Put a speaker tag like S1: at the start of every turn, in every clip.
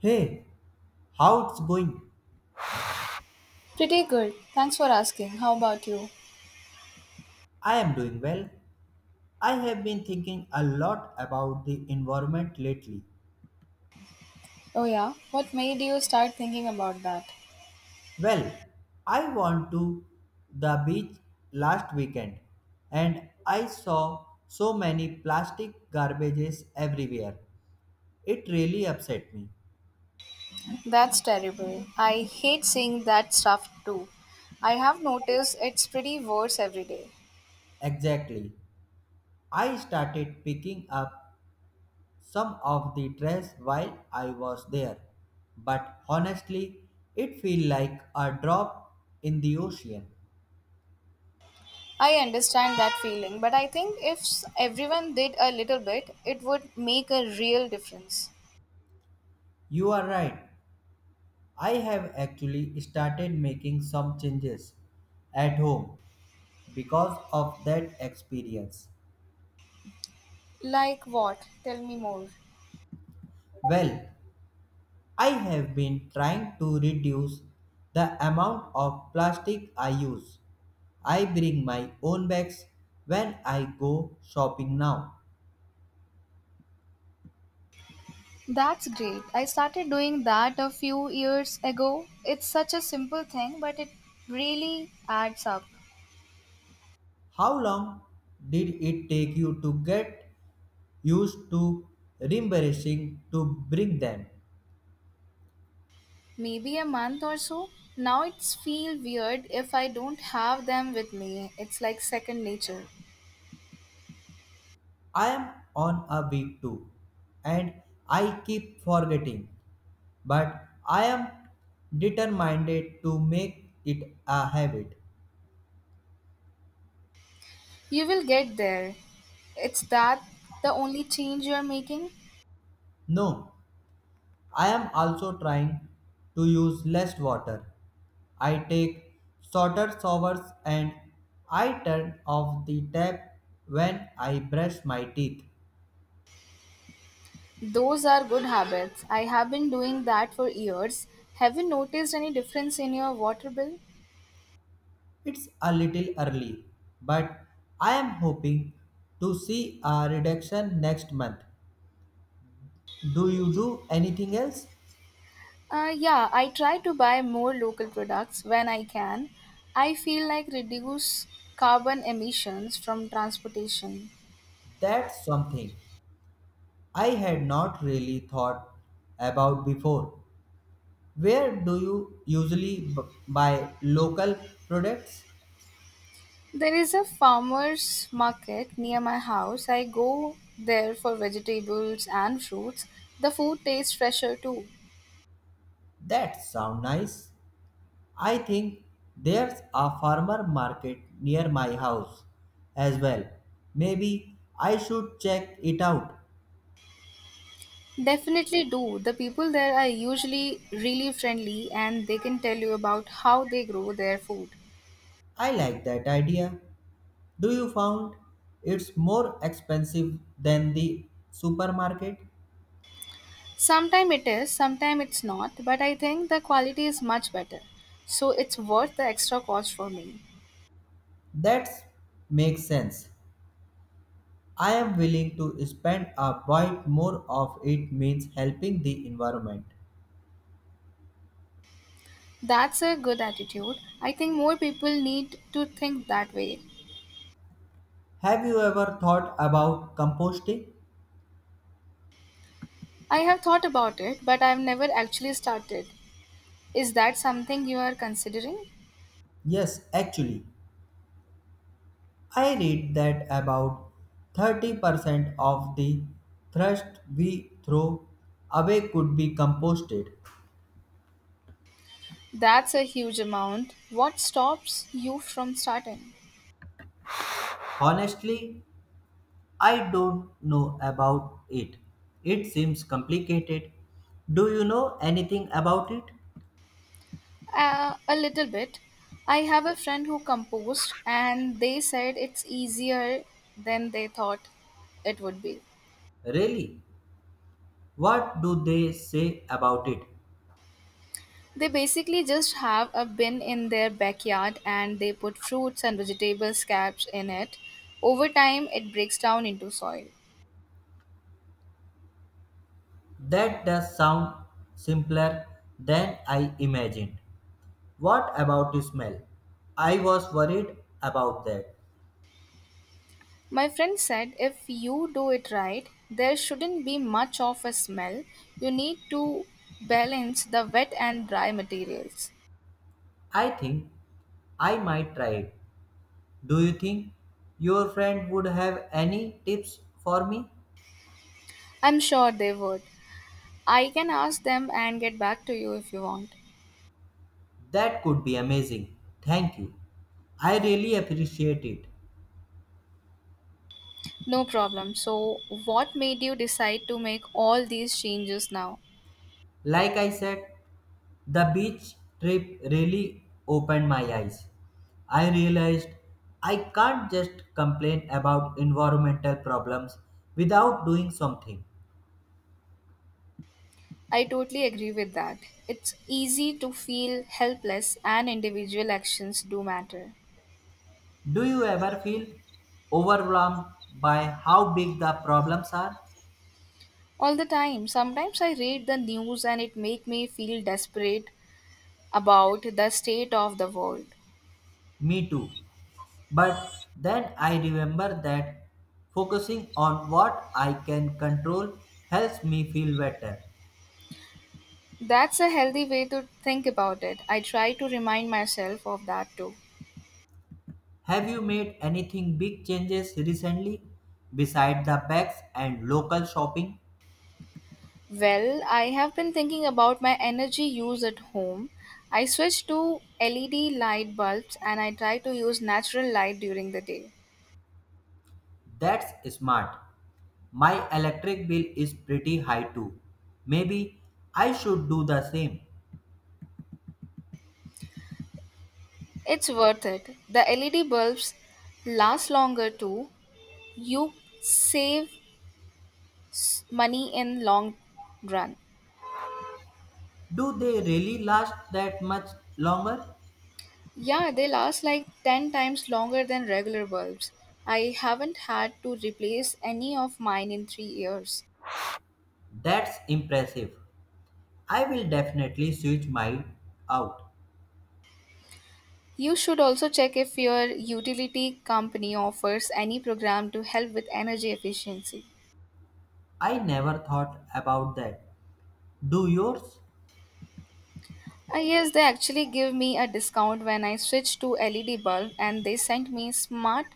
S1: Hey, how it's going?
S2: Pretty good. Thanks for asking. How about you?
S1: I am doing well. I have been thinking a lot about the environment lately.
S2: Oh, yeah. What made you start thinking about that?
S1: Well, I went to the beach last weekend and I saw so many plastic garbages everywhere. It really upset me.
S2: That's terrible. I hate seeing that stuff too. I have noticed it's pretty worse every day.
S1: Exactly. I started picking up some of the dress while I was there, but honestly, it feel like a drop in the ocean.
S2: I understand that feeling, but I think if s- everyone did a little bit, it would make a real difference.
S1: You are right. I have actually started making some changes at home because of that experience.
S2: Like what? Tell me more.
S1: Well, I have been trying to reduce the amount of plastic I use. I bring my own bags when I go shopping now.
S2: That's great. I started doing that a few years ago. It's such a simple thing, but it really adds up.
S1: How long did it take you to get used to reembarrassing to bring them?
S2: Maybe a month or so. Now it's feel weird if I don't have them with me. It's like second nature.
S1: I am on a week two and I keep forgetting, but I am determined to make it a habit.
S2: You will get there. It's that the only change you're making?
S1: No, I am also trying to use less water. I take shorter showers and I turn off the tap when I brush my teeth.
S2: Those are good habits. I have been doing that for years. Have you noticed any difference in your water bill?
S1: It's a little early, but I am hoping to see a reduction next month. Do you do anything else?
S2: Yeah, I try to buy more local products when I can. I feel like reduce carbon emissions from transportation.
S1: That's something I had not really thought about before. Where do you usually buy local products?
S2: There is a farmers market near my house. I go there for vegetables and fruits. The food tastes fresher too.
S1: That sound nice. I think there's a farmer market near my house as well. Maybe I should check it out.
S2: Definitely do. The people there are usually really friendly and they can tell you about how they grow their food.
S1: I like that idea. Do you found it's more expensive than the supermarket?
S2: Sometimes it is, sometimes it's not, but I think the quality is much better. So it's worth the extra cost for me.
S1: That makes sense. I am willing to spend a bit more of it means helping the environment.
S2: That's a good attitude. I think more people need to think that way.
S1: Have you ever thought about composting?
S2: I have thought about it, but I've never actually started. Is that something you are considering?
S1: Yes, actually. I read that about 30% of the thrust we throw away could be composted.
S2: That's a huge amount. What stops you from starting?
S1: Honestly, I don't know about it. It seems complicated. Do you know anything about it?
S2: A little bit. I have a friend who composed, and they said it's easier than they thought it would be.
S1: Really? What do they say about it?
S2: They basically just have a bin in their backyard and they put fruits and vegetable scraps in it. Over time, it breaks down into soil.
S1: That does sound simpler than I imagined. What about the smell? I was worried about that.
S2: My friend said if you do it right, there shouldn't be much of a smell. You need to balance the wet and dry materials.
S1: I think I might try it. Do you think your friend would have any tips for me?
S2: I'm sure they would. I can ask them and get back to you if you want.
S1: That could be amazing. Thank you. I really appreciate it.
S2: No problem. So, what made you decide to make all these changes now?
S1: Like I said, the beach trip really opened my eyes. I realized I can't just complain about environmental problems without doing something.
S2: I totally agree with that. It's easy to feel helpless, and individual actions do matter.
S1: Do you ever feel overwhelmed by how big the problems are?
S2: All the time. Sometimes I read the news and it make me feel desperate about the state of the world.
S1: Me too. But then I remember that focusing on what I can control helps me feel better.
S2: That's a healthy way to think about it. I try to remind myself of that too.
S1: Have you made anything big changes recently beside the bags and local shopping?
S2: Well, I have been thinking about my energy use at home. I switched to LED light bulbs and I try to use natural light during the day.
S1: That's smart. My electric bill is pretty high too. Maybe I should do the same.
S2: It's worth it. The LED bulbs last longer too. You save money in long run.
S1: Do they really last that much longer?
S2: Yeah, they last like 10 times longer than regular bulbs. I haven't had to replace any of mine in 3 years.
S1: That's impressive. I will definitely switch mine out.
S2: You should also check if your utility company offers any program to help with energy efficiency.
S1: I never thought about that. Do yours?
S2: Yes, they actually give me a discount when I switch to LED bulb and they sent me smart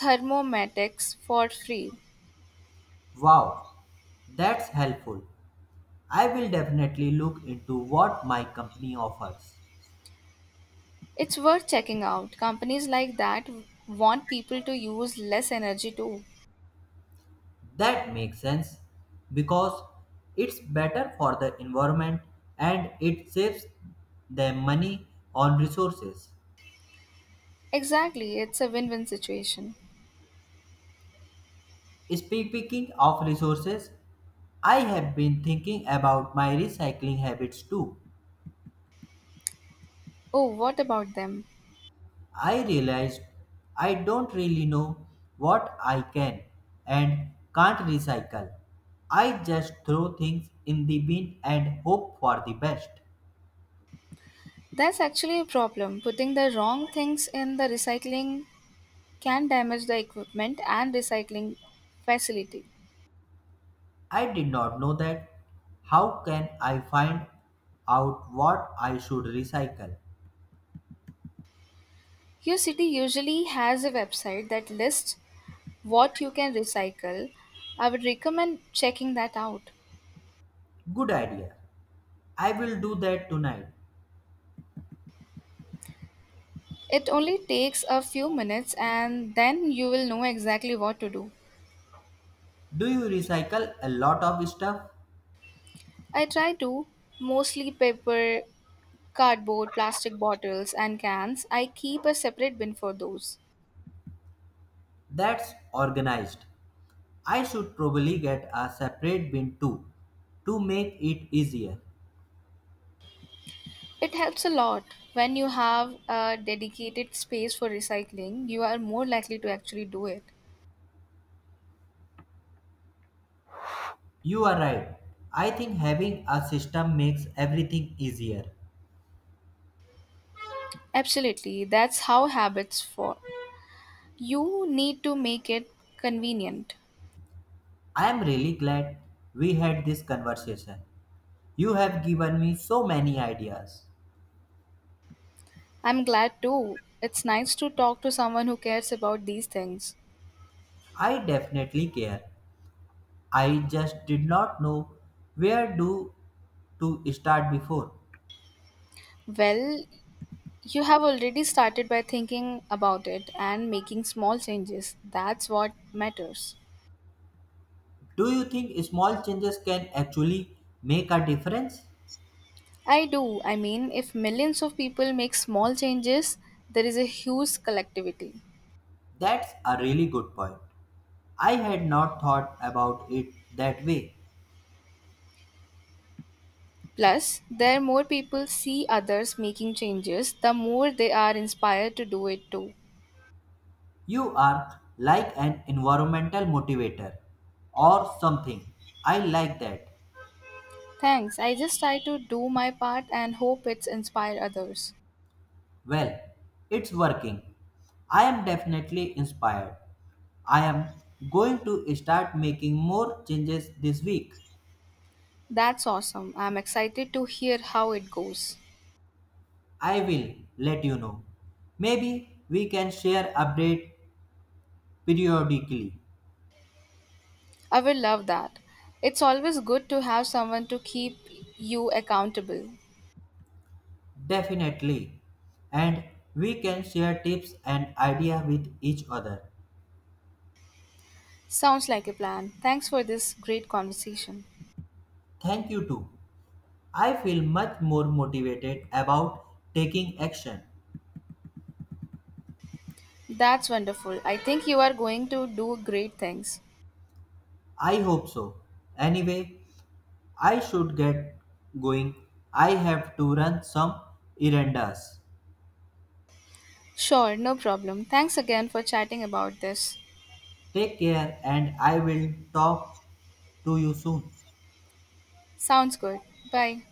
S2: thermometics for free.
S1: Wow, that's helpful. I will definitely look into what my company offers.
S2: It's worth checking out. Companies like that want people to use less energy too.
S1: That makes sense because it's better for the environment and it saves them money on resources.
S2: Exactly, it's a win-win situation.
S1: Speaking of resources, I have been thinking about my recycling habits too.
S2: Oh, what about them?
S1: I realized I don't really know what I can and can't recycle. I just throw things in the bin and hope for the best.
S2: That's actually a problem. Putting the wrong things in the recycling can damage the equipment and recycling facility.
S1: I did not know that. How can I find out what I should recycle?
S2: Your city usually has a website that lists what you can recycle. I would recommend checking that out.
S1: Good idea. I will do that tonight.
S2: It only takes a few minutes and then you will know exactly what to do.
S1: Do you recycle a lot of stuff?
S2: I try to, mostly paper, cardboard, plastic bottles, and cans. I keep a separate bin for those.
S1: That's organized. I should probably get a separate bin too to make it easier.
S2: It helps a lot. When you have a dedicated space for recycling, you are more likely to actually do it.
S1: You are right. I think having a system makes everything easier.
S2: Absolutely, that's how habits form. You need to make it convenient.
S1: I am really glad we had this conversation. You have given me so many ideas.
S2: I'm glad too. It's nice to talk to someone who cares about these things.
S1: I definitely care. I just did not know where do to start before.
S2: Well, you have already started by thinking about it and making small changes. That's what matters.
S1: Do you think small changes can actually make a difference?
S2: I do. I mean, if millions of people make small changes, there is a huge collectivity.
S1: That's a really good point. I had not thought about it that way.
S2: Plus, the more people see others making changes, the more they are inspired to do it too.
S1: You are like an environmental motivator or something. I like that.
S2: Thanks. I just try to do my part and hope it's inspire others.
S1: Well, it's working. I am definitely inspired. I am going to start making more changes this week.
S2: That's awesome. I'm excited to hear how it goes.
S1: I will let you know. Maybe we can share update periodically.
S2: I will love that. It's always good to have someone to keep you accountable.
S1: Definitely. And we can share tips and idea with each other.
S2: Sounds like a plan. Thanks for this great conversation.
S1: Thank you too. I feel much more motivated about taking action.
S2: That's wonderful. I think you are going to do great things.
S1: I hope so. Anyway, I should get going. I have to run some errands.
S2: Sure, no problem. Thanks again for chatting about this.
S1: Take care and I will talk to you soon.
S2: Sounds good. Bye.